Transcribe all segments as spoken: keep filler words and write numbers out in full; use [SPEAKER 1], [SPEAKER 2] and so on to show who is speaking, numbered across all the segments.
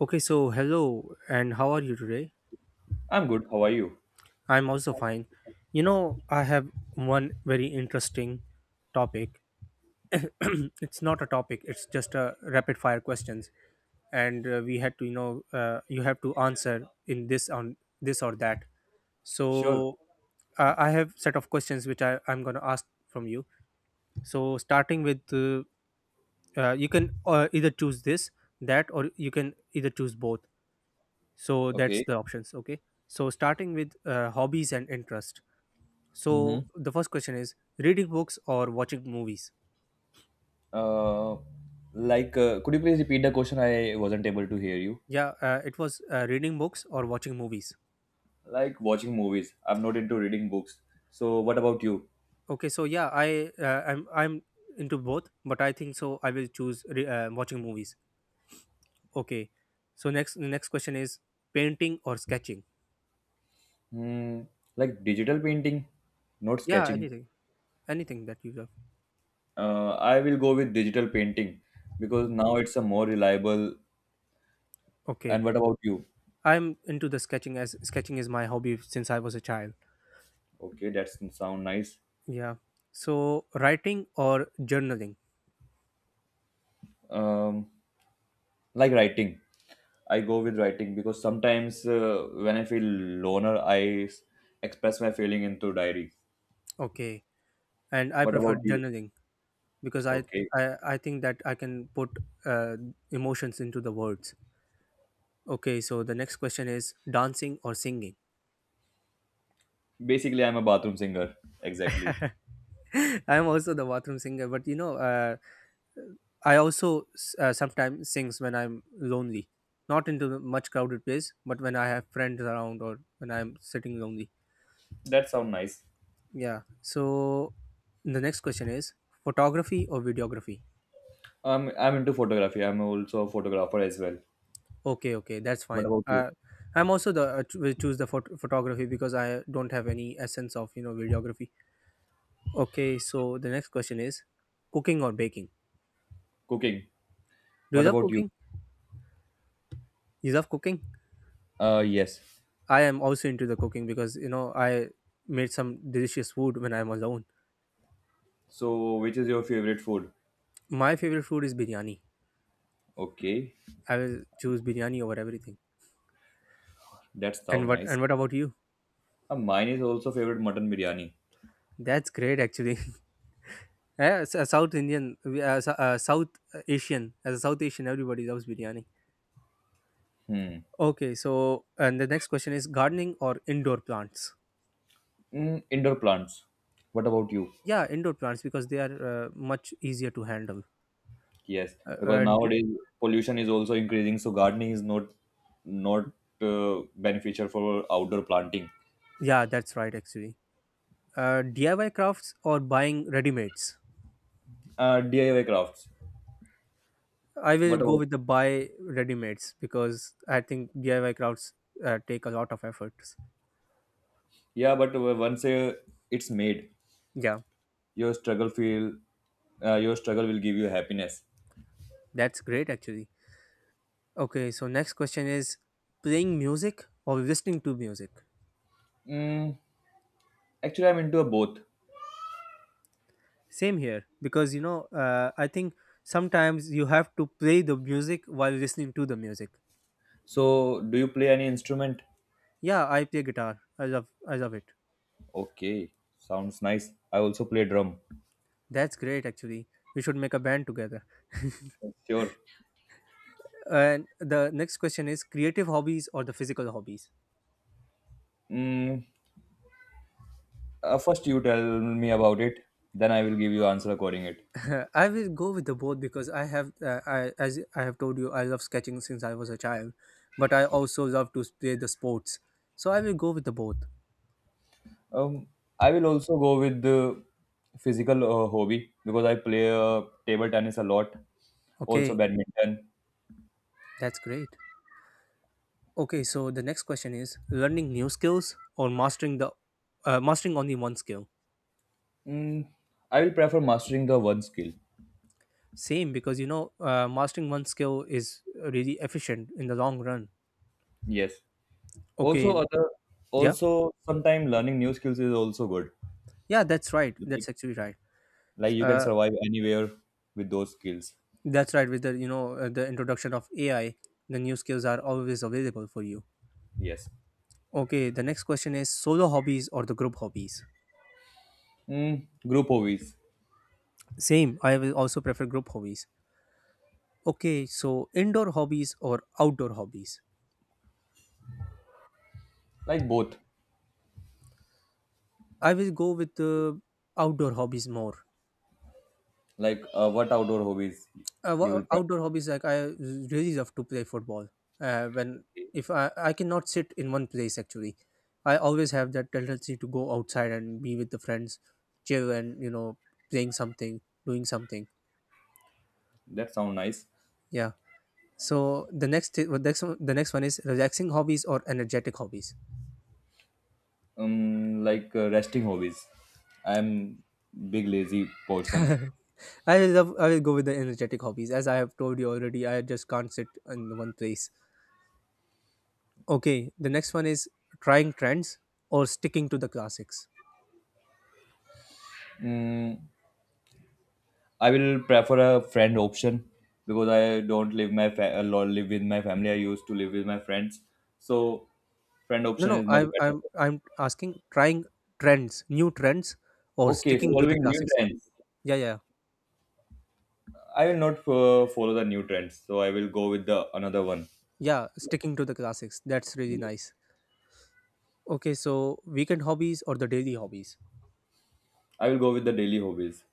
[SPEAKER 1] Okay, so hello, and how are you today?
[SPEAKER 2] I'm good. How are you?
[SPEAKER 1] I'm also fine. You know, I have one very interesting topic. It's not a topic, it's just a rapid fire questions. And uh, We had to, you know, uh, you have to answer in this on this or that.
[SPEAKER 2] Sure.
[SPEAKER 1] So uh, I have set of questions which I, I'm going to ask from you. So starting with, uh, uh, you can uh, either choose this, that, or you can either choose both. So that's
[SPEAKER 2] Okay.
[SPEAKER 1] the options, okay. So starting with, uh, hobbies and interest. So
[SPEAKER 2] Mm-hmm.
[SPEAKER 1] the first question is reading books or watching movies.
[SPEAKER 2] Uh, like, uh, could you please repeat the question? I wasn't able to hear you.
[SPEAKER 1] Yeah, uh, it was, uh, reading books or watching movies.
[SPEAKER 2] Like watching movies. I'm not into reading books. So, what about you?
[SPEAKER 1] Okay, so yeah, i uh, i'm i'm into both, but I think so I will choose re- uh, watching movies. Okay, so next, the next question is painting or sketching.
[SPEAKER 2] Hmm. Like digital painting, not
[SPEAKER 1] Yeah,
[SPEAKER 2] sketching.
[SPEAKER 1] anything, anything that you love.
[SPEAKER 2] Uh, I will go with digital painting because now it's a more reliable.
[SPEAKER 1] Okay,
[SPEAKER 2] And what about you?
[SPEAKER 1] I'm into the sketching as sketching is my hobby since I was a child.
[SPEAKER 2] Okay, that's sound nice.
[SPEAKER 1] Yeah, so writing or journaling.
[SPEAKER 2] Um, like writing, I go with writing because sometimes, uh, when I feel loner, i s- express my feeling into diary.
[SPEAKER 1] Okay, and I
[SPEAKER 2] What
[SPEAKER 1] prefer
[SPEAKER 2] about you?
[SPEAKER 1] journaling because I
[SPEAKER 2] Okay,
[SPEAKER 1] I, I think that I can put uh, emotions into the words. Okay, so the next question is dancing or singing.
[SPEAKER 2] basically I'm a bathroom singer. Exactly.
[SPEAKER 1] I'm also the bathroom singer, but you know, uh, I also s- uh, sometimes sings when I'm lonely, not into the much crowded place, but when I have friends around or when I'm sitting lonely.
[SPEAKER 2] That sounds nice.
[SPEAKER 1] Yeah. So the next question is photography or videography.
[SPEAKER 2] I'm i'm into photography. I'm also a photographer as well.
[SPEAKER 1] Okay, okay, that's
[SPEAKER 2] What
[SPEAKER 1] fine.
[SPEAKER 2] about you?
[SPEAKER 1] Uh, I'm also the uh, ch- will choose the phot- photography because I don't have any essence of, you know, videography. Okay, so the next question is, cooking or baking?
[SPEAKER 2] Cooking.
[SPEAKER 1] Do you
[SPEAKER 2] What
[SPEAKER 1] love
[SPEAKER 2] about you?
[SPEAKER 1] cooking? You love cooking?
[SPEAKER 2] uh yes.
[SPEAKER 1] I am also into the cooking because you know I made some delicious food when I'm alone.
[SPEAKER 2] So, which is your favorite food?
[SPEAKER 1] My favorite food is biryani.
[SPEAKER 2] Okay.
[SPEAKER 1] I will choose biryani over everything.
[SPEAKER 2] That
[SPEAKER 1] And
[SPEAKER 2] sounds
[SPEAKER 1] what,
[SPEAKER 2] nice.
[SPEAKER 1] and what about you?
[SPEAKER 2] Uh, mine is also favorite mutton biryani.
[SPEAKER 1] That's great, actually. Yeah, as a South Indian, we- as a- a South Asian, as a South Asian, everybody loves biryani.
[SPEAKER 2] Hmm.
[SPEAKER 1] Okay, so and the next question is gardening or indoor plants?
[SPEAKER 2] Mm, indoor plants. What about you?
[SPEAKER 1] Yeah, indoor plants because they are uh, much easier to handle.
[SPEAKER 2] Yes,
[SPEAKER 1] Uh,
[SPEAKER 2] because
[SPEAKER 1] uh, D-
[SPEAKER 2] nowadays pollution is also increasing, so gardening is not not uh, beneficial for outdoor planting.
[SPEAKER 1] yeah, that's right actually. Uh, D I Y crafts or buying ready-mades?
[SPEAKER 2] Uh, D I Y crafts.
[SPEAKER 1] I will
[SPEAKER 2] What
[SPEAKER 1] go
[SPEAKER 2] about?
[SPEAKER 1] with the buy ready-mades because I think D I Y crafts uh, take a lot of efforts.
[SPEAKER 2] Yeah, but uh, once, uh, it's made,
[SPEAKER 1] Yeah,
[SPEAKER 2] your struggle feel uh, your struggle will give you happiness.
[SPEAKER 1] that's great actually. Okay, so next question is playing music or listening to music?
[SPEAKER 2] Mm, Actually, I'm into a both.
[SPEAKER 1] Same here, because you know, uh, I think sometimes you have to play the music while listening to the music.
[SPEAKER 2] So, do you play any instrument?
[SPEAKER 1] Yeah, I play guitar. I love, I love it.
[SPEAKER 2] Okay, sounds nice. I also play drum.
[SPEAKER 1] That's great, actually. We should make a band together.
[SPEAKER 2] Sure.
[SPEAKER 1] And the next question is creative hobbies or the physical hobbies.
[SPEAKER 2] Mm, uh, First, you tell me about it. Then I will give you answer according it.
[SPEAKER 1] I will go with the both because I have, uh, I as I have told you, I love sketching since I was a child, but I
[SPEAKER 2] Okay.
[SPEAKER 1] also love to play the sports. So I will go with the both.
[SPEAKER 2] Um, I will also go with the physical uh, hobby because I play uh, table tennis a lot, also
[SPEAKER 1] Okay,
[SPEAKER 2] badminton.
[SPEAKER 1] that's great. Okay, so the next question is learning new skills or mastering the uh, mastering only one skill.
[SPEAKER 2] Mm, I will prefer mastering the one skill.
[SPEAKER 1] Same because you know uh, mastering one skill is really efficient in the long run.
[SPEAKER 2] Yes. Also,
[SPEAKER 1] Okay,
[SPEAKER 2] other
[SPEAKER 1] yeah,
[SPEAKER 2] also sometimes learning new skills is also good.
[SPEAKER 1] yeah, that's right.
[SPEAKER 2] Like,
[SPEAKER 1] That's actually right.
[SPEAKER 2] like you can
[SPEAKER 1] Uh,
[SPEAKER 2] survive anywhere with those skills.
[SPEAKER 1] that's right. With the, you know, uh, the introduction of A I, the new skills are always available for you.
[SPEAKER 2] Yes.
[SPEAKER 1] Okay, the next question is solo hobbies or the group hobbies.
[SPEAKER 2] Mm, group hobbies.
[SPEAKER 1] Same, I will also prefer group hobbies. Okay, so indoor hobbies or outdoor hobbies.
[SPEAKER 2] Like both.
[SPEAKER 1] I will go with the outdoor hobbies more.
[SPEAKER 2] Like, uh, what outdoor hobbies
[SPEAKER 1] Uh,
[SPEAKER 2] you
[SPEAKER 1] wha-
[SPEAKER 2] will prefer.
[SPEAKER 1] outdoor hobbies like I really love to play football. Uh, when if I I cannot sit in one place actually, I always have that tendency to go outside and be with the friends, chill and you know playing something, doing something.
[SPEAKER 2] That sound nice.
[SPEAKER 1] Yeah. So the next the next one, the next one is relaxing hobbies or energetic hobbies.
[SPEAKER 2] Um like, uh, resting hobbies. I'm big lazy person.
[SPEAKER 1] I will love I will go with the energetic hobbies as I have told you already. I just can't sit in one place. Okay, the next one is trying trends or sticking to the classics.
[SPEAKER 2] mm, I will prefer a friend option because I don't live my fa- a lot live with my family. I used to live with my friends, so friend
[SPEAKER 1] No,
[SPEAKER 2] option
[SPEAKER 1] no,
[SPEAKER 2] is much
[SPEAKER 1] I'm
[SPEAKER 2] better.
[SPEAKER 1] I'm I'm asking trying trends, new trends, or
[SPEAKER 2] Okay,
[SPEAKER 1] sticking to the
[SPEAKER 2] following new
[SPEAKER 1] classics. Yeah,
[SPEAKER 2] trends.
[SPEAKER 1] yeah, yeah,
[SPEAKER 2] I will not uh, follow the new trends, so I will go with the another one.
[SPEAKER 1] yeah. Sticking to the classics. That's really nice. Okay, so weekend hobbies or the daily hobbies.
[SPEAKER 2] I will go with the daily hobbies.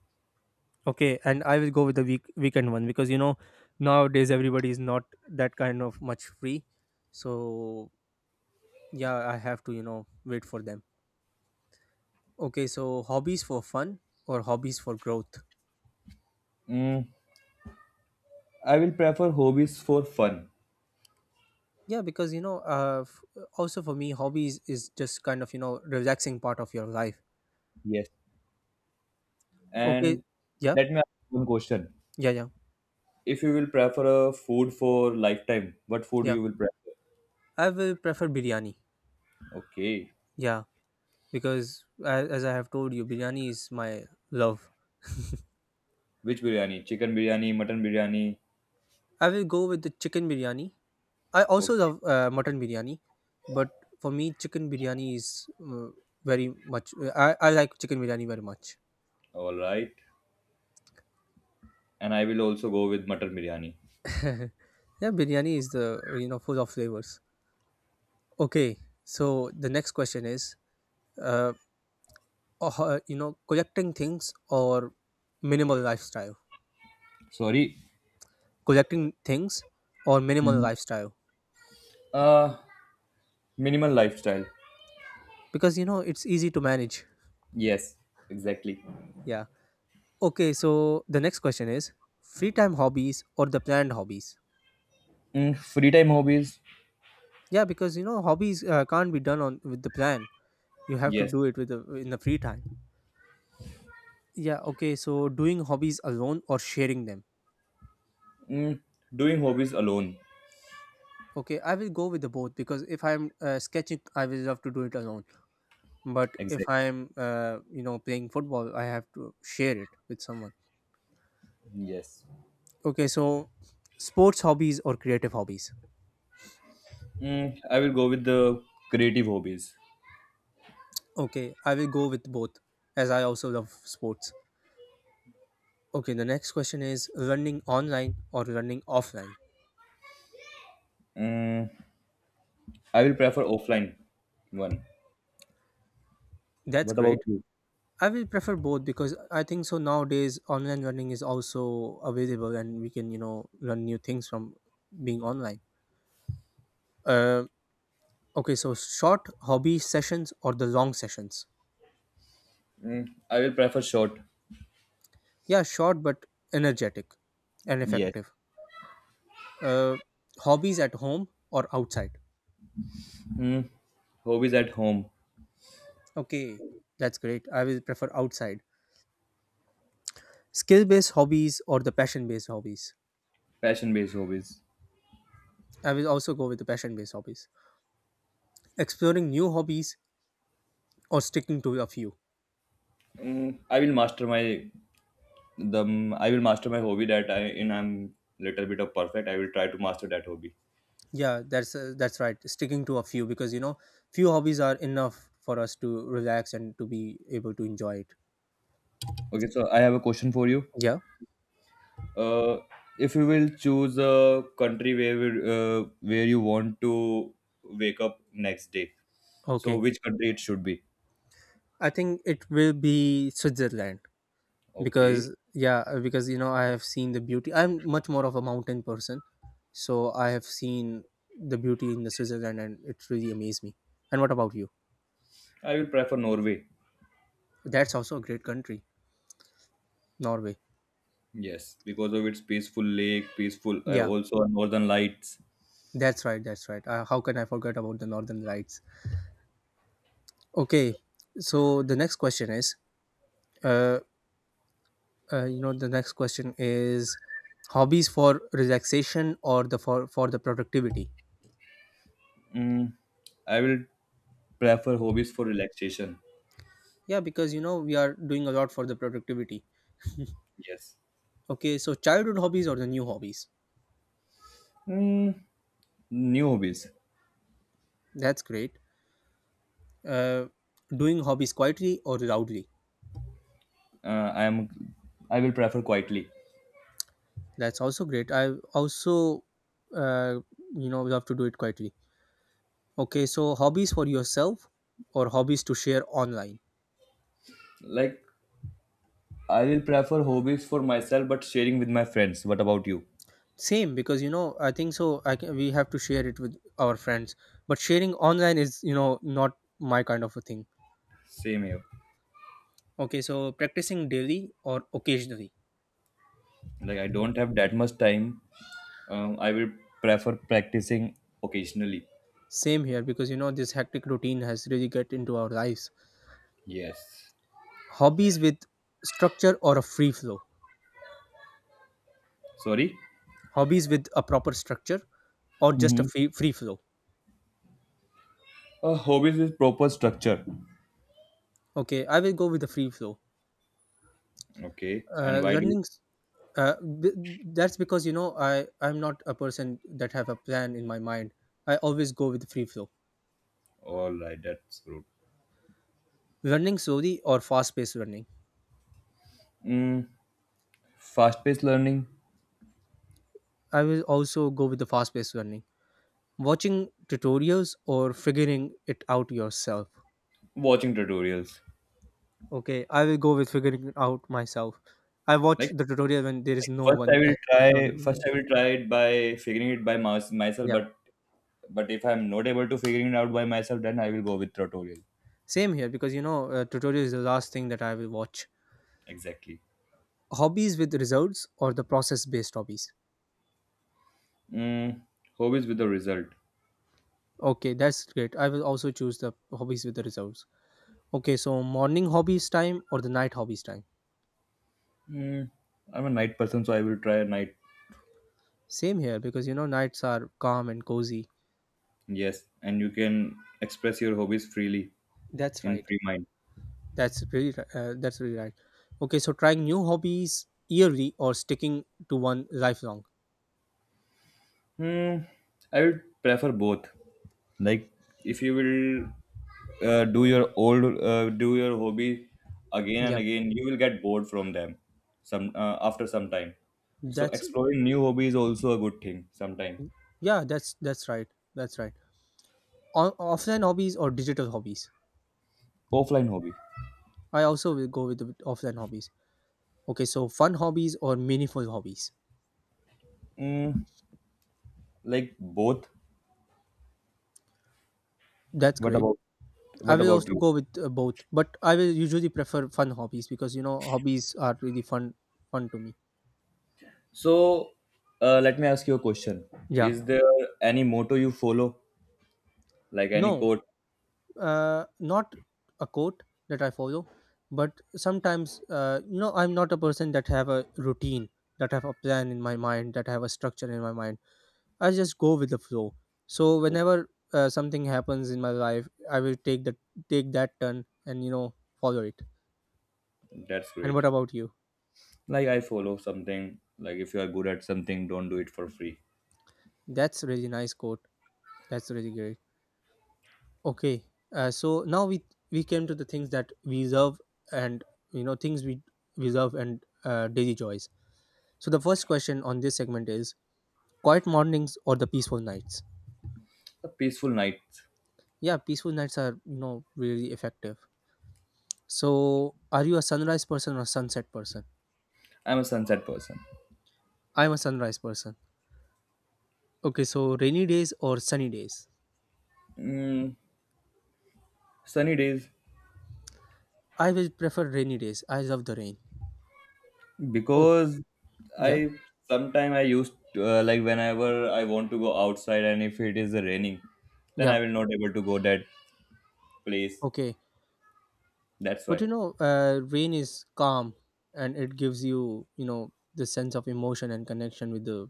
[SPEAKER 1] Okay, and I will go with the week weekend one because you know nowadays everybody is not that kind of much free. So yeah, I have to you know wait for them. Okay, so hobbies for fun or hobbies for growth.
[SPEAKER 2] mm, I will prefer hobbies for fun.
[SPEAKER 1] Yeah, because you know, uh, f- also for me hobbies is just kind of you know relaxing part of your life.
[SPEAKER 2] Yes.
[SPEAKER 1] Okay.
[SPEAKER 2] And
[SPEAKER 1] Yeah,
[SPEAKER 2] let me ask you one question.
[SPEAKER 1] yeah, yeah,
[SPEAKER 2] If you will prefer a food for lifetime, what food
[SPEAKER 1] yeah,
[SPEAKER 2] you will prefer?
[SPEAKER 1] I will prefer biryani.
[SPEAKER 2] Okay.
[SPEAKER 1] Yeah, because as, as I have told you, biryani is my love.
[SPEAKER 2] Which biryani? Chicken biryani, mutton biryani?
[SPEAKER 1] I will go with the chicken biryani. I also
[SPEAKER 2] Okay.
[SPEAKER 1] love uh, mutton biryani, but for me chicken biryani is, uh, very much, uh, I, I like chicken biryani very much.
[SPEAKER 2] All right. And I will also go with mutton biryani.
[SPEAKER 1] Yeah, biryani is the, you know, full of flavors. Okay, so the next question is uh. or you know collecting things or minimal lifestyle.
[SPEAKER 2] Sorry.
[SPEAKER 1] Collecting things or minimal
[SPEAKER 2] Mhm.
[SPEAKER 1] lifestyle,
[SPEAKER 2] Uh, Minimal lifestyle.
[SPEAKER 1] because you know it's easy to manage.
[SPEAKER 2] Yes, exactly.
[SPEAKER 1] Yeah. Okay, so the next question is free time hobbies or the planned hobbies.
[SPEAKER 2] Mm, free time hobbies.
[SPEAKER 1] Yeah, because you know hobbies uh, can't be done on with the plan. You have to
[SPEAKER 2] Yes.
[SPEAKER 1] do it with the, in the free time. Yeah. Okay, so doing hobbies alone or sharing them.
[SPEAKER 2] Mm, Doing hobbies alone.
[SPEAKER 1] Okay, I will go with the both because if I'm, uh, sketching I will love to do it alone, but if
[SPEAKER 2] Exactly.
[SPEAKER 1] I'm, uh, you know, playing football I have to share it with someone.
[SPEAKER 2] Yes.
[SPEAKER 1] Okay, so sports hobbies or creative hobbies.
[SPEAKER 2] Mm, I will go with the creative hobbies.
[SPEAKER 1] Okay, I will go with both as I also love sports. Okay, the next question is running online or running offline.
[SPEAKER 2] Mm, I will prefer offline one.
[SPEAKER 1] That's
[SPEAKER 2] What about
[SPEAKER 1] great.
[SPEAKER 2] you?
[SPEAKER 1] I will prefer both because I think so nowadays online running is also available and we can you know learn new things from being online. uh, okay, so short hobby sessions or the long sessions.
[SPEAKER 2] Mm, I will prefer short.
[SPEAKER 1] Yeah, short but energetic and
[SPEAKER 2] Yes.
[SPEAKER 1] effective. Uh, hobbies at home or outside?
[SPEAKER 2] Mm, Hobbies at home,
[SPEAKER 1] Okay, that's great. I will prefer outside. Skill based hobbies or the passion based hobbies?
[SPEAKER 2] passion-based hobbies.
[SPEAKER 1] I will also go with the passion based hobbies. Exploring new hobbies or sticking to a few?
[SPEAKER 2] Mm, I will master my the I will master my hobby that I in I'm little bit of perfect. I will try to master that hobby.
[SPEAKER 1] Yeah, that's uh, that's right. Sticking to a few because you know few hobbies are enough for us to relax and to be able to enjoy it.
[SPEAKER 2] Okay, so I have a question for you.
[SPEAKER 1] Yeah.
[SPEAKER 2] Uh, if you will choose a country where will- uh, where you want to wake up next day, so
[SPEAKER 1] Okay.
[SPEAKER 2] which country it should be?
[SPEAKER 1] I think it will be Switzerland
[SPEAKER 2] Okay,
[SPEAKER 1] because yeah, uh, because you know I have seen the beauty, I'm much more of a mountain person, so I have seen the beauty in the Switzerland and it really amazed me. And what about you?
[SPEAKER 2] I will prefer Norway.
[SPEAKER 1] That's also a great country, Norway.
[SPEAKER 2] Yes, because of its peaceful lake, peaceful, uh,
[SPEAKER 1] Yeah,
[SPEAKER 2] also northern lights.
[SPEAKER 1] that's right, that's right. Uh, how can I forget about the northern lights? Okay, so the next question is uh, uh you know the next question is hobbies for relaxation or the for for the productivity.
[SPEAKER 2] Mm, I will prefer hobbies for relaxation.
[SPEAKER 1] Yeah, because you know we are doing a lot for the productivity.
[SPEAKER 2] Yes.
[SPEAKER 1] Okay, so childhood hobbies or the new hobbies?
[SPEAKER 2] Mm, New hobbies.
[SPEAKER 1] That's great. Uh, doing hobbies quietly or loudly?
[SPEAKER 2] Uh, I am. I will prefer quietly.
[SPEAKER 1] That's also great. I also, uh, you know, love to do it quietly. Okay, so hobbies for yourself or hobbies to share online?
[SPEAKER 2] Like I will prefer hobbies for myself, but sharing with my friends. What about you?
[SPEAKER 1] Same, because you know, I think so. I can, we have to share it with our friends, but sharing online is, you know, not my kind of a thing.
[SPEAKER 2] Same here.
[SPEAKER 1] Okay, so practicing daily or occasionally?
[SPEAKER 2] Like I don't have that much time. Um, I will prefer practicing occasionally.
[SPEAKER 1] Same here, because you know, this hectic routine has really get into our lives.
[SPEAKER 2] Yes.
[SPEAKER 1] Hobbies with structure or a free flow?
[SPEAKER 2] Sorry.
[SPEAKER 1] Hobbies with a proper structure or just a
[SPEAKER 2] Mm-hmm.
[SPEAKER 1] free, free flow?
[SPEAKER 2] Uh, hobbies with proper structure.
[SPEAKER 1] Okay, I will go with the free flow.
[SPEAKER 2] Okay. And
[SPEAKER 1] uh,
[SPEAKER 2] why do?
[SPEAKER 1] learning s- uh, b- that's because you know i i'm not a person that have a plan in my mind. I always go with the free flow.
[SPEAKER 2] All right. That's good.
[SPEAKER 1] Learning slowly or fast paced learning?
[SPEAKER 2] Mm, Fast-paced learning,
[SPEAKER 1] I will also go with the fast paced learning. Watching tutorials or figuring it out yourself?
[SPEAKER 2] watching tutorials.
[SPEAKER 1] Okay, I will go with figuring it out myself. I
[SPEAKER 2] Like,
[SPEAKER 1] watched the tutorial when there is
[SPEAKER 2] like
[SPEAKER 1] no
[SPEAKER 2] first I
[SPEAKER 1] one.
[SPEAKER 2] will
[SPEAKER 1] No other
[SPEAKER 2] try, first
[SPEAKER 1] video.
[SPEAKER 2] I will try it by figuring it by mys- myself.
[SPEAKER 1] Yeah,
[SPEAKER 2] But but if I'm not able to figuring it out by myself, then I will go with tutorial.
[SPEAKER 1] same here because you know, uh, tutorial is the last thing that I will watch.
[SPEAKER 2] Exactly.
[SPEAKER 1] Hobbies with results or the process based hobbies?
[SPEAKER 2] Mm, Hobbies with a result.
[SPEAKER 1] Okay, that's great. I will also choose the hobbies with the results. Okay, so morning hobbies time or the night hobbies time?
[SPEAKER 2] Mm, I'm a night person, so I will try a night.
[SPEAKER 1] Same here because you know, nights are calm and cozy.
[SPEAKER 2] Yes, and you can express your hobbies freely
[SPEAKER 1] That's
[SPEAKER 2] in
[SPEAKER 1] right.
[SPEAKER 2] free mind.
[SPEAKER 1] That's really, ri- uh, that's really right. Okay, so trying new hobbies yearly or sticking to one lifelong.
[SPEAKER 2] Mm, I would prefer both. Like if you will, uh, do your old uh, do your hobby again and
[SPEAKER 1] Yeah.
[SPEAKER 2] again, you will get bored from them some uh, after some time. So
[SPEAKER 1] That's
[SPEAKER 2] exploring new hobby is also a good thing sometime.
[SPEAKER 1] yeah, that's that's right. That's right. O- offline hobbies or digital hobbies.
[SPEAKER 2] Offline hobby.
[SPEAKER 1] I also will go with the offline hobbies. Okay, so fun hobbies or meaningful hobbies.
[SPEAKER 2] Mm, like both.
[SPEAKER 1] That's
[SPEAKER 2] What
[SPEAKER 1] great.
[SPEAKER 2] about
[SPEAKER 1] I
[SPEAKER 2] what
[SPEAKER 1] will
[SPEAKER 2] about
[SPEAKER 1] also
[SPEAKER 2] you?
[SPEAKER 1] go with uh, both, but I will usually prefer fun hobbies because you know hobbies are really fun fun to me.
[SPEAKER 2] So, uh, let me ask you a question.
[SPEAKER 1] Yeah.
[SPEAKER 2] Is there any motto you follow? Like any
[SPEAKER 1] No,
[SPEAKER 2] quote?
[SPEAKER 1] uh, not a quote that I follow, but sometimes uh, you know I'm not a person that have a routine, that have a plan in my mind, that have a structure in my mind. I just go with the flow. So
[SPEAKER 2] Oh,
[SPEAKER 1] whenever uh, something happens in my life, I will take the take that turn and you know follow it.
[SPEAKER 2] that's
[SPEAKER 1] And
[SPEAKER 2] great.
[SPEAKER 1] what about you?
[SPEAKER 2] Like I follow something, like if you are good at something, don't do it for free.
[SPEAKER 1] That's really nice quote. That's really great. Okay. Uh, so now we we came to the things that we love and you know things we we love and uh, daily joys. So the first question on this segment is quiet mornings or the peaceful nights.
[SPEAKER 2] A peaceful night.
[SPEAKER 1] Yeah, peaceful nights are you know really effective. So are you a sunrise person or sunset person?
[SPEAKER 2] I'm a sunset person.
[SPEAKER 1] I'm a sunrise person. Okay, so rainy days or sunny days?
[SPEAKER 2] Mm, Sunny days
[SPEAKER 1] I will prefer rainy days. I love the rain. Oh,
[SPEAKER 2] because
[SPEAKER 1] yeah,
[SPEAKER 2] I sometime I used to, uh, like whenever I want to go outside and if it is raining, then
[SPEAKER 1] yeah,
[SPEAKER 2] I will not able to go that place.
[SPEAKER 1] okay.
[SPEAKER 2] That's
[SPEAKER 1] But
[SPEAKER 2] why.
[SPEAKER 1] you know, uh, rain is calm and it gives you, you know, the sense of emotion and connection with the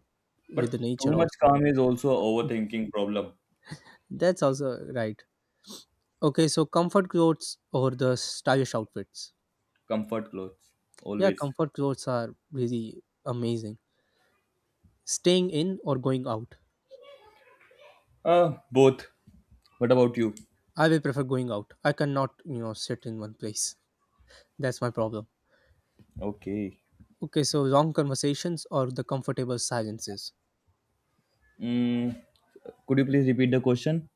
[SPEAKER 2] But
[SPEAKER 1] with the
[SPEAKER 2] too
[SPEAKER 1] nature
[SPEAKER 2] much
[SPEAKER 1] also.
[SPEAKER 2] calm is also a overthinking problem.
[SPEAKER 1] That's also right. Okay, so comfort clothes or the stylish outfits.
[SPEAKER 2] Comfort clothes
[SPEAKER 1] Yeah,
[SPEAKER 2] always.
[SPEAKER 1] comfort clothes are really amazing. Staying in or going out?
[SPEAKER 2] Uh both. What about you?
[SPEAKER 1] I will prefer going out. I cannot, you know, sit in one place. That's my problem.
[SPEAKER 2] Okay.
[SPEAKER 1] Okay, so long conversations or the comfortable silences?
[SPEAKER 2] Mm, could you please repeat the question?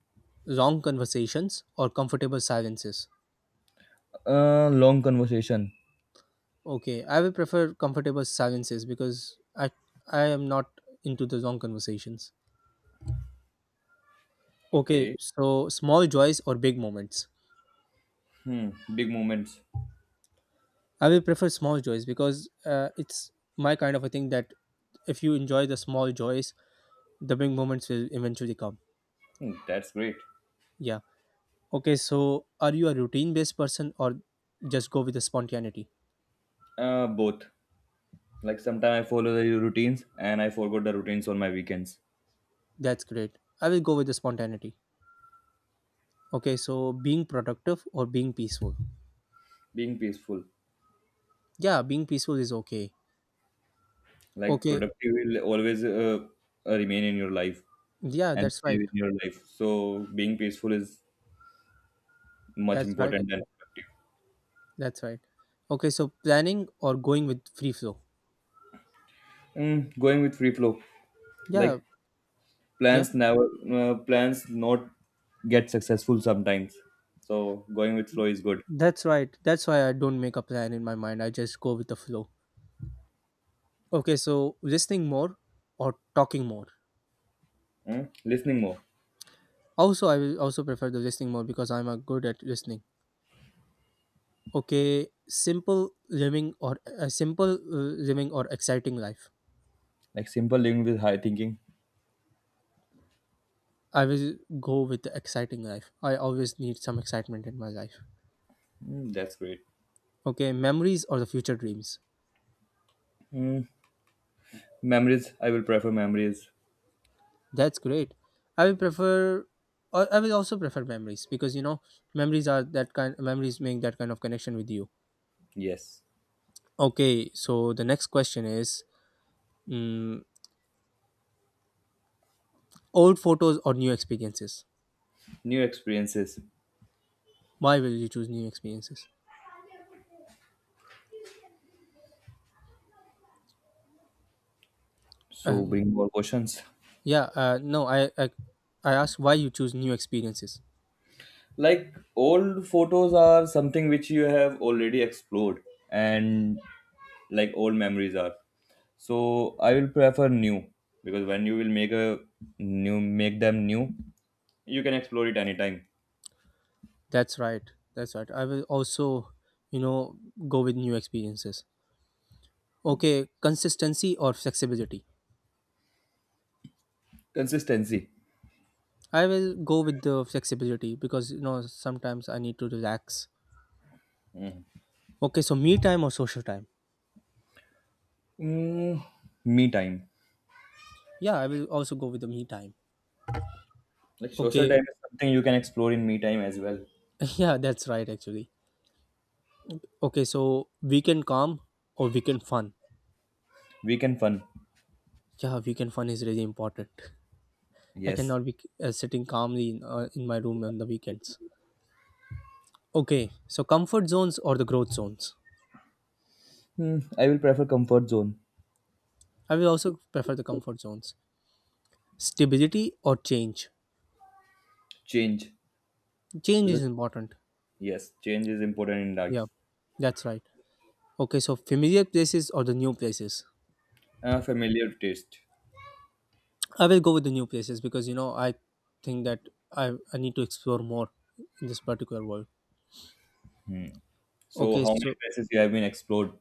[SPEAKER 1] Long conversations or comfortable silences?
[SPEAKER 2] Uh, long conversation.
[SPEAKER 1] Okay, I will prefer comfortable silences because I I am not into the long conversations. Okay,
[SPEAKER 2] Okay.
[SPEAKER 1] so small joys or big moments?
[SPEAKER 2] Hmm. Big moments.
[SPEAKER 1] I will prefer small joys because uh, it's my kind of a thing that if you enjoy the small joys, the big moments will eventually come.
[SPEAKER 2] Hmm, that's great.
[SPEAKER 1] Yeah. Okay, so are you a routine based person or just go with the spontaneity?
[SPEAKER 2] Uh, both. Like sometimes I follow the routines and I forgot the routines on my weekends.
[SPEAKER 1] That's great. I will go with the spontaneity. Okay, so being productive or being peaceful?
[SPEAKER 2] Being peaceful,
[SPEAKER 1] Yeah, being peaceful is okay.
[SPEAKER 2] like
[SPEAKER 1] Okay,
[SPEAKER 2] productive, will always, uh, uh, remain in your life
[SPEAKER 1] yeah,
[SPEAKER 2] and
[SPEAKER 1] that's
[SPEAKER 2] stay
[SPEAKER 1] right.
[SPEAKER 2] in your life. So being peaceful is much
[SPEAKER 1] That's right,
[SPEAKER 2] important than
[SPEAKER 1] actually. That's right. Okay, so planning or going with free flow?
[SPEAKER 2] productive. Mm, going with free flow,
[SPEAKER 1] Yeah,
[SPEAKER 2] like
[SPEAKER 1] yeah,
[SPEAKER 2] plans never uh, plans not get successful sometimes, so going with flow is good.
[SPEAKER 1] that's right. That's why I don't make a plan in my mind. I just go with the flow. Okay, so listening more or talking more?
[SPEAKER 2] Mm, listening more.
[SPEAKER 1] Also, I will also prefer the listening more because I'm a good at listening. Okay, simple living or a simple uh, living or exciting life.
[SPEAKER 2] Like simple living with high thinking.
[SPEAKER 1] I will go with the exciting life. I always need some excitement in my life.
[SPEAKER 2] Mm, that's great.
[SPEAKER 1] Okay, memories or the future dreams.
[SPEAKER 2] Memories i will prefer memories.
[SPEAKER 1] That's great. I will prefer or I will also prefer memories because you know memories are that kind memories make that kind of connection with you.
[SPEAKER 2] Yes,
[SPEAKER 1] Okay, so the next question is mm, old photos or new experiences.
[SPEAKER 2] new experiences.
[SPEAKER 1] Why will you choose new experiences?
[SPEAKER 2] So,
[SPEAKER 1] Um,
[SPEAKER 2] bring more questions.
[SPEAKER 1] yeah, uh, no, I, I I asked why you choose new experiences.
[SPEAKER 2] Like old photos are something which you have already explored, and like old memories are. So I will prefer new, because when you will make a new make them new, you can explore it anytime.
[SPEAKER 1] That's right. That's right. I will also, you know, go with new experiences. Okay, consistency or flexibility.
[SPEAKER 2] Consistency.
[SPEAKER 1] I will go with the flexibility because you know sometimes I need to relax. Okay, so me time or social time?
[SPEAKER 2] mm, Me time.
[SPEAKER 1] Yeah, I will also go with the me time.
[SPEAKER 2] Like social
[SPEAKER 1] Okay,
[SPEAKER 2] time is something you can explore in me time as well.
[SPEAKER 1] yeah, that's right actually. Okay, so weekend calm or weekend fun?
[SPEAKER 2] Weekend fun.
[SPEAKER 1] Yeah, weekend fun is really important. I
[SPEAKER 2] Yes.
[SPEAKER 1] cannot be uh, sitting calmly in, uh, in my room on the weekends. Okay, so comfort zones or the growth zones?
[SPEAKER 2] Hmm, I will prefer comfort zone.
[SPEAKER 1] I will also prefer the comfort zones. Stability or change?
[SPEAKER 2] Change,
[SPEAKER 1] Change
[SPEAKER 2] because
[SPEAKER 1] is important.
[SPEAKER 2] yes, change is important in
[SPEAKER 1] Yeah,
[SPEAKER 2] life.
[SPEAKER 1] that's right. Okay, so familiar places or the new places?
[SPEAKER 2] Uh, familiar taste.
[SPEAKER 1] I will go with the new places because you know I think that I, I need to explore more in this particular world.
[SPEAKER 2] So
[SPEAKER 1] Okay,
[SPEAKER 2] how many
[SPEAKER 1] so
[SPEAKER 2] places you have been explored?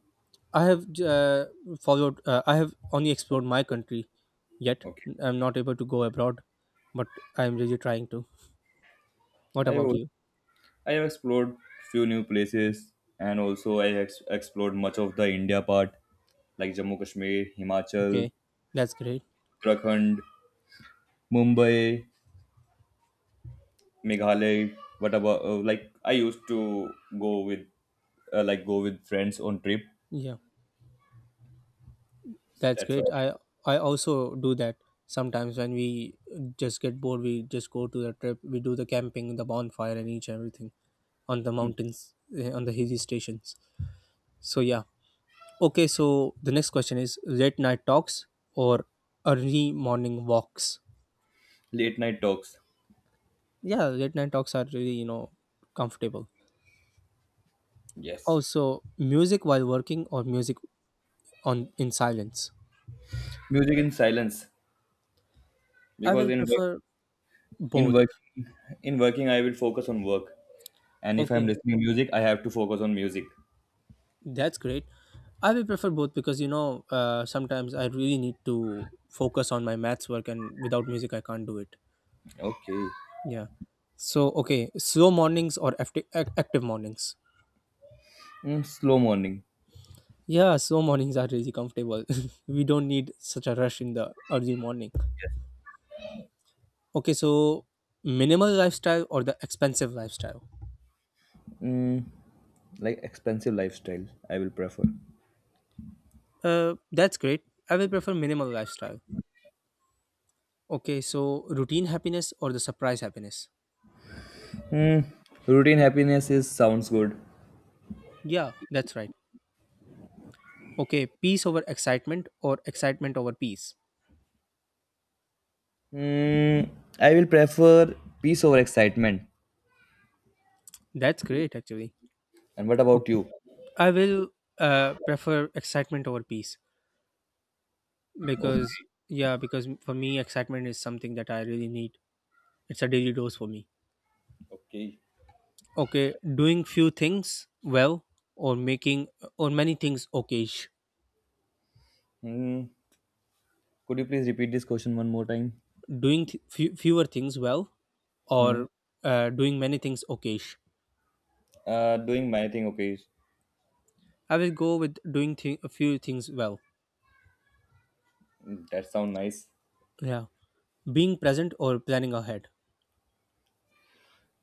[SPEAKER 1] I have uh, followed. Uh, I have only explored my country yet.
[SPEAKER 2] Okay,
[SPEAKER 1] I'm not able to go abroad, but I'm really trying to. What
[SPEAKER 2] i
[SPEAKER 1] about
[SPEAKER 2] have
[SPEAKER 1] you?
[SPEAKER 2] i have explored few new places, and also i ex- explored much of the India part, like Jammu Kashmir, Himachal,
[SPEAKER 1] Okay, that's great.
[SPEAKER 2] Uttarakhand, Mumbai, Meghalaya. What about, uh, like I used to go with, uh, like go with friends on trip.
[SPEAKER 1] Yeah. That's
[SPEAKER 2] That's
[SPEAKER 1] great.
[SPEAKER 2] right.
[SPEAKER 1] I I also do that sometimes when we just get bored. We just go to the trip. We do the camping, the bonfire, and each and everything on the mountains, eh, on the hilly stations. So yeah. Okay. So the next question is late night talks or early morning walks.
[SPEAKER 2] Late night talks.
[SPEAKER 1] Yeah, late night talks are really you know comfortable.
[SPEAKER 2] Yes.
[SPEAKER 1] Also, music while working or music on in silence.
[SPEAKER 2] Music in silence
[SPEAKER 1] I
[SPEAKER 2] because
[SPEAKER 1] will
[SPEAKER 2] in work,
[SPEAKER 1] prefer
[SPEAKER 2] in
[SPEAKER 1] both.
[SPEAKER 2] working in working I will focus on work, and if I'm
[SPEAKER 1] Okay.
[SPEAKER 2] listening music, I have to focus on music.
[SPEAKER 1] That's great. I will prefer both because you know uh, sometimes I really need to focus on my maths work, and without music I can't do it.
[SPEAKER 2] Okay.
[SPEAKER 1] Yeah. So okay, slow mornings or active active mornings.
[SPEAKER 2] Mm, slow morning.
[SPEAKER 1] Yeah, slow mornings are really comfortable. We don't need such a rush in the early morning. Okay, so minimal lifestyle or the expensive lifestyle.
[SPEAKER 2] Mm, like expensive lifestyle, I will prefer.
[SPEAKER 1] Uh, that's great. I will prefer minimal lifestyle. Okay, so routine happiness or the surprise happiness.
[SPEAKER 2] Mm, Routine happiness is sounds good.
[SPEAKER 1] Yeah, that's right. Okay, peace over excitement or excitement over peace.
[SPEAKER 2] Mm, I will prefer peace over excitement.
[SPEAKER 1] That's great, actually.
[SPEAKER 2] And what
[SPEAKER 1] Ok-
[SPEAKER 2] about you?
[SPEAKER 1] I will uh, prefer excitement over peace because,
[SPEAKER 2] Okay.
[SPEAKER 1] yeah, because for me, excitement is something that I really need. It's a daily dose for me.
[SPEAKER 2] Okay.
[SPEAKER 1] Okay, doing few things well or making or many things okay.
[SPEAKER 2] Hmm. Could you please repeat this question one more time?
[SPEAKER 1] Doing th- few, fewer things well
[SPEAKER 2] Hmm.
[SPEAKER 1] or uh, doing many things okay.
[SPEAKER 2] Uh, doing my thing. Okay.
[SPEAKER 1] I will go with doing th- a few things well.
[SPEAKER 2] That sound nice.
[SPEAKER 1] Yeah, being present or planning ahead.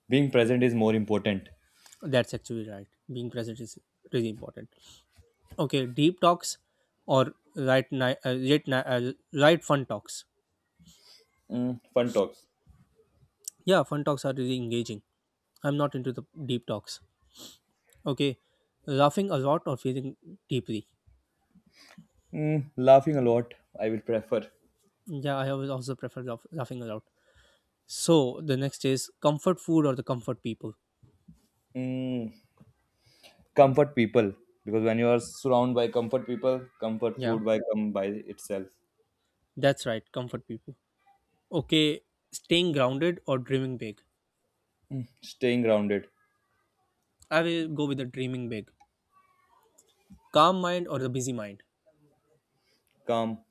[SPEAKER 2] Being present is more important.
[SPEAKER 1] That's actually right. Being present is really important. Okay, deep talks or right night, uh, late night, uh, right fun talks.
[SPEAKER 2] Hmm. Fun talks.
[SPEAKER 1] Yeah, fun talks are really engaging. I'm not into the deep talks. Okay, laughing a lot or feeling deeply.
[SPEAKER 2] Hmm. Laughing a lot, I will prefer.
[SPEAKER 1] Yeah, I always also prefer laugh- laughing a lot. So the next is comfort food or the comfort people.
[SPEAKER 2] Hmm. Comfort people, because when you are surrounded by comfort people, comfort
[SPEAKER 1] Yeah,
[SPEAKER 2] food by come by itself.
[SPEAKER 1] that's right, comfort people. Okay, staying grounded or dreaming big.
[SPEAKER 2] Staying grounded,
[SPEAKER 1] I will go with the dreaming big. Calm mind or the busy mind.
[SPEAKER 2] calm,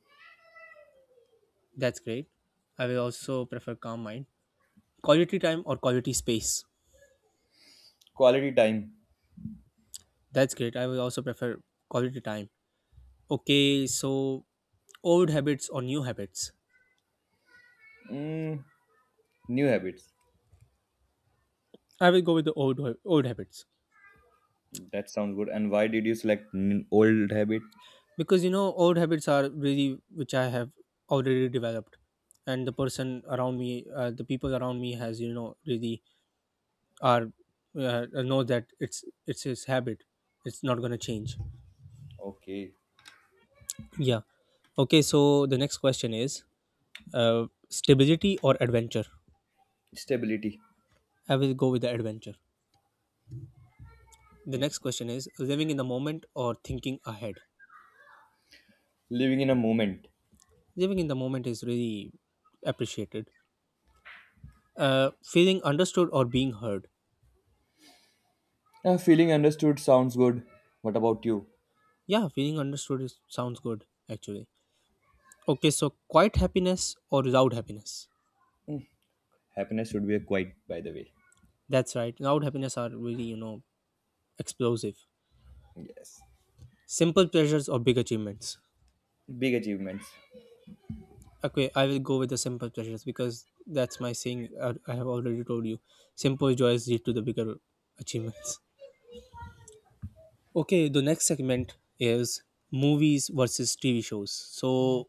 [SPEAKER 1] That's great. I will also prefer calm mind. Quality time or quality space.
[SPEAKER 2] quality time.
[SPEAKER 1] That's great. I will also prefer quality time. Okay, so old habits or new habits.
[SPEAKER 2] Mm, New habits.
[SPEAKER 1] I will go with the old old habits
[SPEAKER 2] That sounds good. And why did you select n- old habit?
[SPEAKER 1] because you know old habits are really which I have already developed, and the person around me, uh, the people around me has you know really are uh, know that it's it's his habit. It's not gonna change.
[SPEAKER 2] Okay.
[SPEAKER 1] Yeah. Okay. So the next question is uh, stability or adventure.
[SPEAKER 2] Stability.
[SPEAKER 1] I will go with the adventure. The next question is living in the moment or thinking ahead.
[SPEAKER 2] Living in a moment.
[SPEAKER 1] Living in the moment is really appreciated. Uh, feeling understood or being heard?
[SPEAKER 2] Uh, feeling understood sounds good. What about you?
[SPEAKER 1] Yeah, feeling understood is, sounds good actually. Okay, so quiet happiness or loud happiness.
[SPEAKER 2] Happiness should be a quiet, by the way.
[SPEAKER 1] That's right, loud happiness are really you know explosive.
[SPEAKER 2] Yes.
[SPEAKER 1] Simple pleasures or big achievements?
[SPEAKER 2] Big achievements.
[SPEAKER 1] Okay, I will go with the simple pleasures because that's my saying. I I have already told you. Simple joys lead to the bigger achievements. Okay, the next segment is movies versus T V shows. So,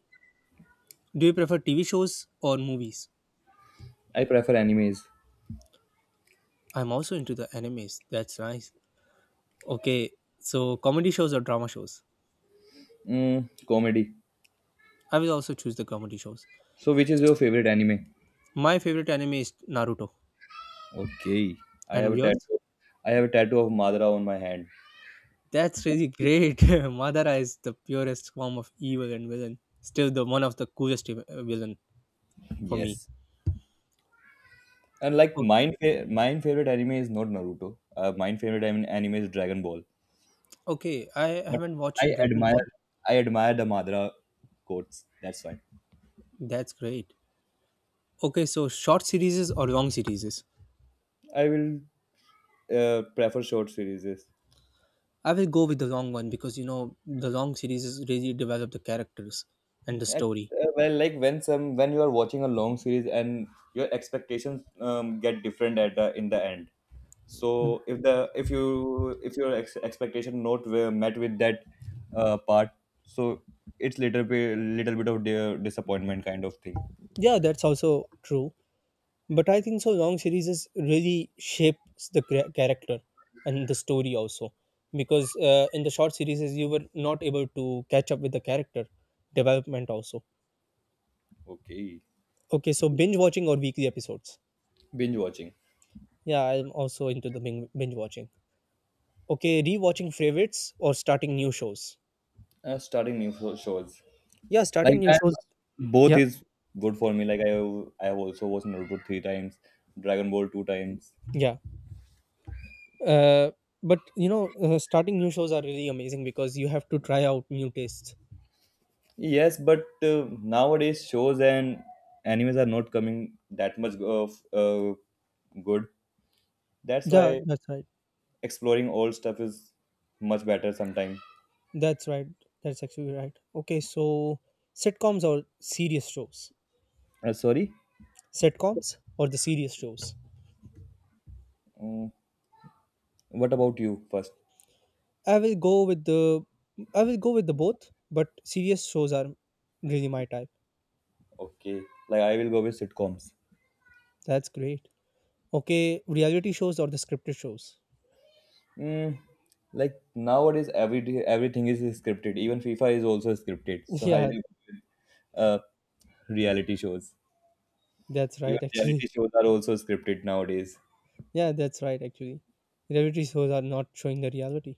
[SPEAKER 1] do you prefer T V shows or movies?
[SPEAKER 2] I prefer animes.
[SPEAKER 1] I'm also into the animes. That's nice. Okay, so comedy shows or drama shows?
[SPEAKER 2] Mm, comedy.
[SPEAKER 1] I will also choose the comedy shows.
[SPEAKER 2] So, which is your favorite anime?
[SPEAKER 1] My favorite anime is Naruto.
[SPEAKER 2] Okay. I have
[SPEAKER 1] And
[SPEAKER 2] a
[SPEAKER 1] yours?
[SPEAKER 2] tattoo. I have a tattoo of Madara on my hand.
[SPEAKER 1] That's really great. Madara is the purest form of evil and villain. Still, the one of the coolest ev- uh, villain for me.
[SPEAKER 2] Yes. And like
[SPEAKER 1] O-
[SPEAKER 2] mine, fa- mine favorite anime is not Naruto. Uh, mine favorite an- anime is Dragon Ball.
[SPEAKER 1] Okay, I
[SPEAKER 2] But
[SPEAKER 1] haven't
[SPEAKER 2] I
[SPEAKER 1] watched Dragon
[SPEAKER 2] admire,
[SPEAKER 1] Ball.
[SPEAKER 2] I admire the Madara quotes. That's why
[SPEAKER 1] That's great. Okay, so short series or long series?
[SPEAKER 2] I will uh, prefer short series.
[SPEAKER 1] I will go with the long one because you know the long series really develop the characters and the
[SPEAKER 2] Ex-
[SPEAKER 1] story.
[SPEAKER 2] uh, Well, like when some when you are watching a long series and your expectations, um, get different at the in the end. So if the if you if your ex expectation not were met with that, uh, part, so it's little bit little bit of di- disappointment kind of thing.
[SPEAKER 1] Yeah, that's also true. But I think so long series is really shapes the cra- character and the story also because uh, in the short series you were not able to catch up with the character development also.
[SPEAKER 2] Okay,
[SPEAKER 1] Okay, so binge watching or weekly episodes.
[SPEAKER 2] binge watching.
[SPEAKER 1] Yeah, I'm also into the bing- binge watching. Okay, rewatching favorites or starting new shows.
[SPEAKER 2] Uh, starting new sho- shows.
[SPEAKER 1] Yeah, starting
[SPEAKER 2] Like,
[SPEAKER 1] new
[SPEAKER 2] I'm,
[SPEAKER 1] shows.
[SPEAKER 2] both
[SPEAKER 1] Yeah.
[SPEAKER 2] is good for me. Like I I have also watched Naruto three times, Dragon Ball two times.
[SPEAKER 1] Yeah. Uh, but you know, uh, starting new shows are really amazing because you have to try out new tastes.
[SPEAKER 2] Yes, but uh, nowadays shows and animes are not coming that much of uh, good. That's
[SPEAKER 1] Yeah,
[SPEAKER 2] why
[SPEAKER 1] that's right.
[SPEAKER 2] exploring old stuff is much better sometimes.
[SPEAKER 1] That's right. That's actually right. Okay, so sitcoms or serious shows?
[SPEAKER 2] Uh, sorry?
[SPEAKER 1] Sitcoms or the serious shows?
[SPEAKER 2] Mm, what about you first?
[SPEAKER 1] I will go with the I will go with the both, but serious shows are really my type.
[SPEAKER 2] Okay, like I will go with sitcoms.
[SPEAKER 1] That's great. Okay, reality shows or the scripted shows?
[SPEAKER 2] Mm, like nowadays, every day, everything is scripted. Even FIFA is also scripted. So I will
[SPEAKER 1] Yeah,
[SPEAKER 2] go with uh, reality shows.
[SPEAKER 1] that's
[SPEAKER 2] Even
[SPEAKER 1] right actually.
[SPEAKER 2] reality shows are also scripted nowadays.
[SPEAKER 1] Yeah, that's right actually. Reality shows are not showing the reality.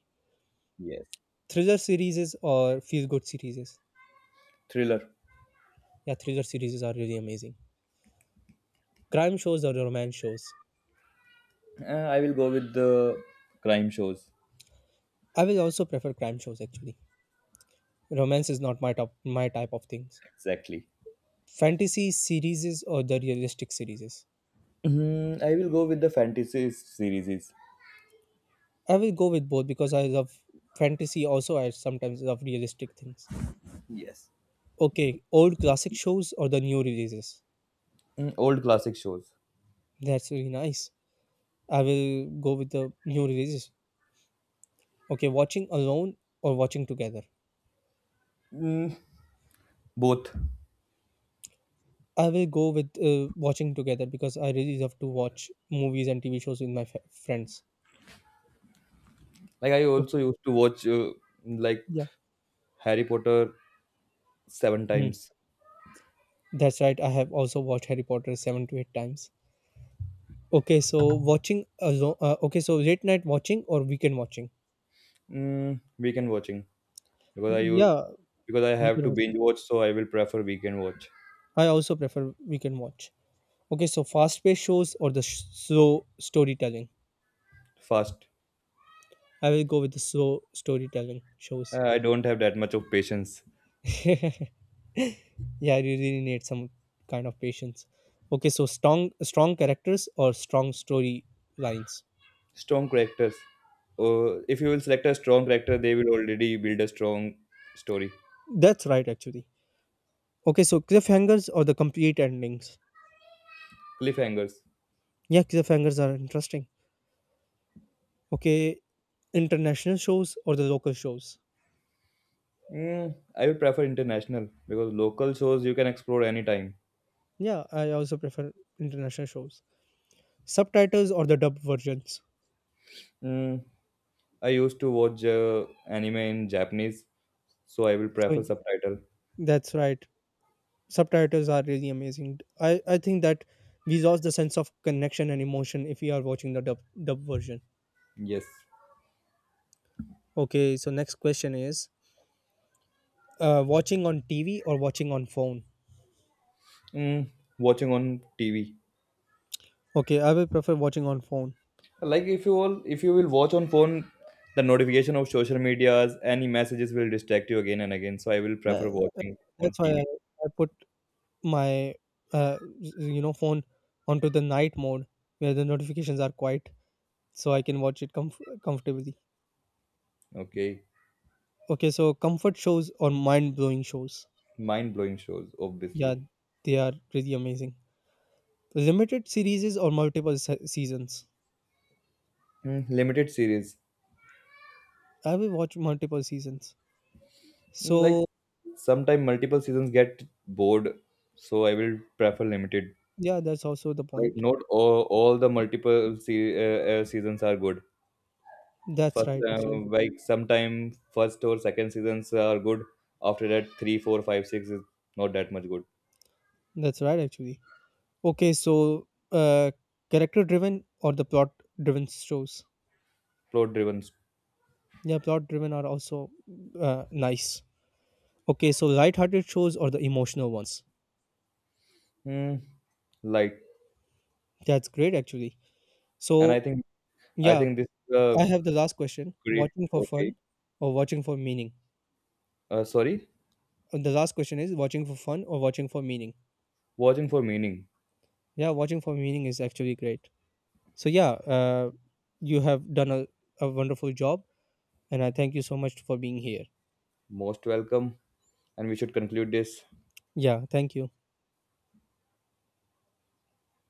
[SPEAKER 2] Yes.
[SPEAKER 1] Thriller series or feel good series?
[SPEAKER 2] Thriller.
[SPEAKER 1] Yeah, thriller series are really amazing. Crime shows or romance shows?
[SPEAKER 2] Uh, I will go with the crime shows.
[SPEAKER 1] I will also prefer crime shows actually. Romance is not my top my type of things.
[SPEAKER 2] Exactly.
[SPEAKER 1] Fantasy series or the realistic series?
[SPEAKER 2] Mm, I will go with the fantasy series.
[SPEAKER 1] I will go with both because I love fantasy also, I sometimes love realistic things.
[SPEAKER 2] Yes.
[SPEAKER 1] Okay, old classic shows or the new releases?
[SPEAKER 2] Mm, old classic shows.
[SPEAKER 1] That's really nice. I will go with the new releases. Okay, watching alone or watching together?
[SPEAKER 2] Both.
[SPEAKER 1] I will go with uh, watching together because I really love to watch movies and TV shows with my f- friends.
[SPEAKER 2] Like I
[SPEAKER 1] Oh,
[SPEAKER 2] also used to watch, uh, like
[SPEAKER 1] yeah.
[SPEAKER 2] Harry Potter seven
[SPEAKER 1] Hmm.
[SPEAKER 2] times.
[SPEAKER 1] That's right, I have also watched Harry Potter seven to eight times. Okay, so watching alone. Uh, okay, so late night watching or weekend watching?
[SPEAKER 2] Mm, weekend watching, because I use
[SPEAKER 1] Yeah,
[SPEAKER 2] because I have
[SPEAKER 1] weekend
[SPEAKER 2] to
[SPEAKER 1] watching.
[SPEAKER 2] binge watch, so I will prefer weekend watch.
[SPEAKER 1] I also prefer weekend watch. Okay, so fast paced shows or the sh- slow storytelling?
[SPEAKER 2] Fast.
[SPEAKER 1] I will go with the slow storytelling shows.
[SPEAKER 2] Uh, I don't have that much of patience.
[SPEAKER 1] Yeah, you really need some kind of patience. Okay, so strong strong characters or strong story lines.
[SPEAKER 2] Strong characters. Uh, if you will select a strong character, they will already build a strong story.
[SPEAKER 1] That's right, actually. Okay, so cliffhangers or the complete endings.
[SPEAKER 2] Cliffhangers.
[SPEAKER 1] Yeah, cliffhangers are interesting. Okay, international shows or the local shows.
[SPEAKER 2] Mm, I would prefer international because local shows you can explore anytime.
[SPEAKER 1] Yeah, I also prefer international shows. Subtitles or the dubbed versions.
[SPEAKER 2] Mm, I used to watch, uh, anime in Japanese, so I will
[SPEAKER 1] So
[SPEAKER 2] prefer
[SPEAKER 1] y-
[SPEAKER 2] subtitle.
[SPEAKER 1] that's right. Subtitles are really amazing. I, I think that we lost the sense of connection and emotion if we are watching the dub, dub version.
[SPEAKER 2] Yes.
[SPEAKER 1] Okay, so next question is uh, watching on T V or watching on phone?
[SPEAKER 2] Mm, Watching on T V.
[SPEAKER 1] Okay, I will prefer watching on phone.
[SPEAKER 2] Like if you all, if you will watch on phone, the notification of social medias, any messages will distract you again and again. So I will
[SPEAKER 1] Uh,
[SPEAKER 2] prefer
[SPEAKER 1] uh,
[SPEAKER 2] watching on
[SPEAKER 1] that's why I,
[SPEAKER 2] T V.
[SPEAKER 1] I put my uh, y- you know phone onto the night mode where the notifications are quiet so I can watch it comf- comfortably.
[SPEAKER 2] Okay.
[SPEAKER 1] Okay, so comfort shows or mind blowing shows.
[SPEAKER 2] Mind blowing shows,
[SPEAKER 1] Yeah,
[SPEAKER 2] obviously.
[SPEAKER 1] they are really amazing. Limited series or multiple se- seasons.
[SPEAKER 2] Mm, limited series.
[SPEAKER 1] I will watch multiple seasons.
[SPEAKER 2] Like
[SPEAKER 1] So,
[SPEAKER 2] sometimes multiple seasons get bored, so I will prefer limited.
[SPEAKER 1] yeah, that's also the
[SPEAKER 2] Like
[SPEAKER 1] point.
[SPEAKER 2] not all, all the multiple se- uh, uh, seasons are good.
[SPEAKER 1] That's
[SPEAKER 2] First,
[SPEAKER 1] right,
[SPEAKER 2] uh,
[SPEAKER 1] actually.
[SPEAKER 2] like sometime first or second seasons are good. After that, three, four, five, six is not that much good.
[SPEAKER 1] That's right, actually. Okay, so uh, character driven or the plot driven shows.
[SPEAKER 2] Plot driven.
[SPEAKER 1] Yeah, plot driven are also uh, nice. Okay, so light hearted shows or the emotional ones.
[SPEAKER 2] hmm, like,
[SPEAKER 1] That's great, actually.
[SPEAKER 2] and I
[SPEAKER 1] So,
[SPEAKER 2] think I
[SPEAKER 1] yeah,
[SPEAKER 2] think this is
[SPEAKER 1] I
[SPEAKER 2] a
[SPEAKER 1] have the last question
[SPEAKER 2] great.
[SPEAKER 1] watching for
[SPEAKER 2] Okay,
[SPEAKER 1] fun or watching for meaning?
[SPEAKER 2] uh, sorry,
[SPEAKER 1] And the last question is watching for fun or watching for meaning?
[SPEAKER 2] watching for meaning.
[SPEAKER 1] Yeah, watching for meaning is actually great. So, yeah, uh, you have done a, a wonderful job, and I thank you so much for being here.
[SPEAKER 2] Most welcome, and we should conclude this.
[SPEAKER 1] Yeah, thank you.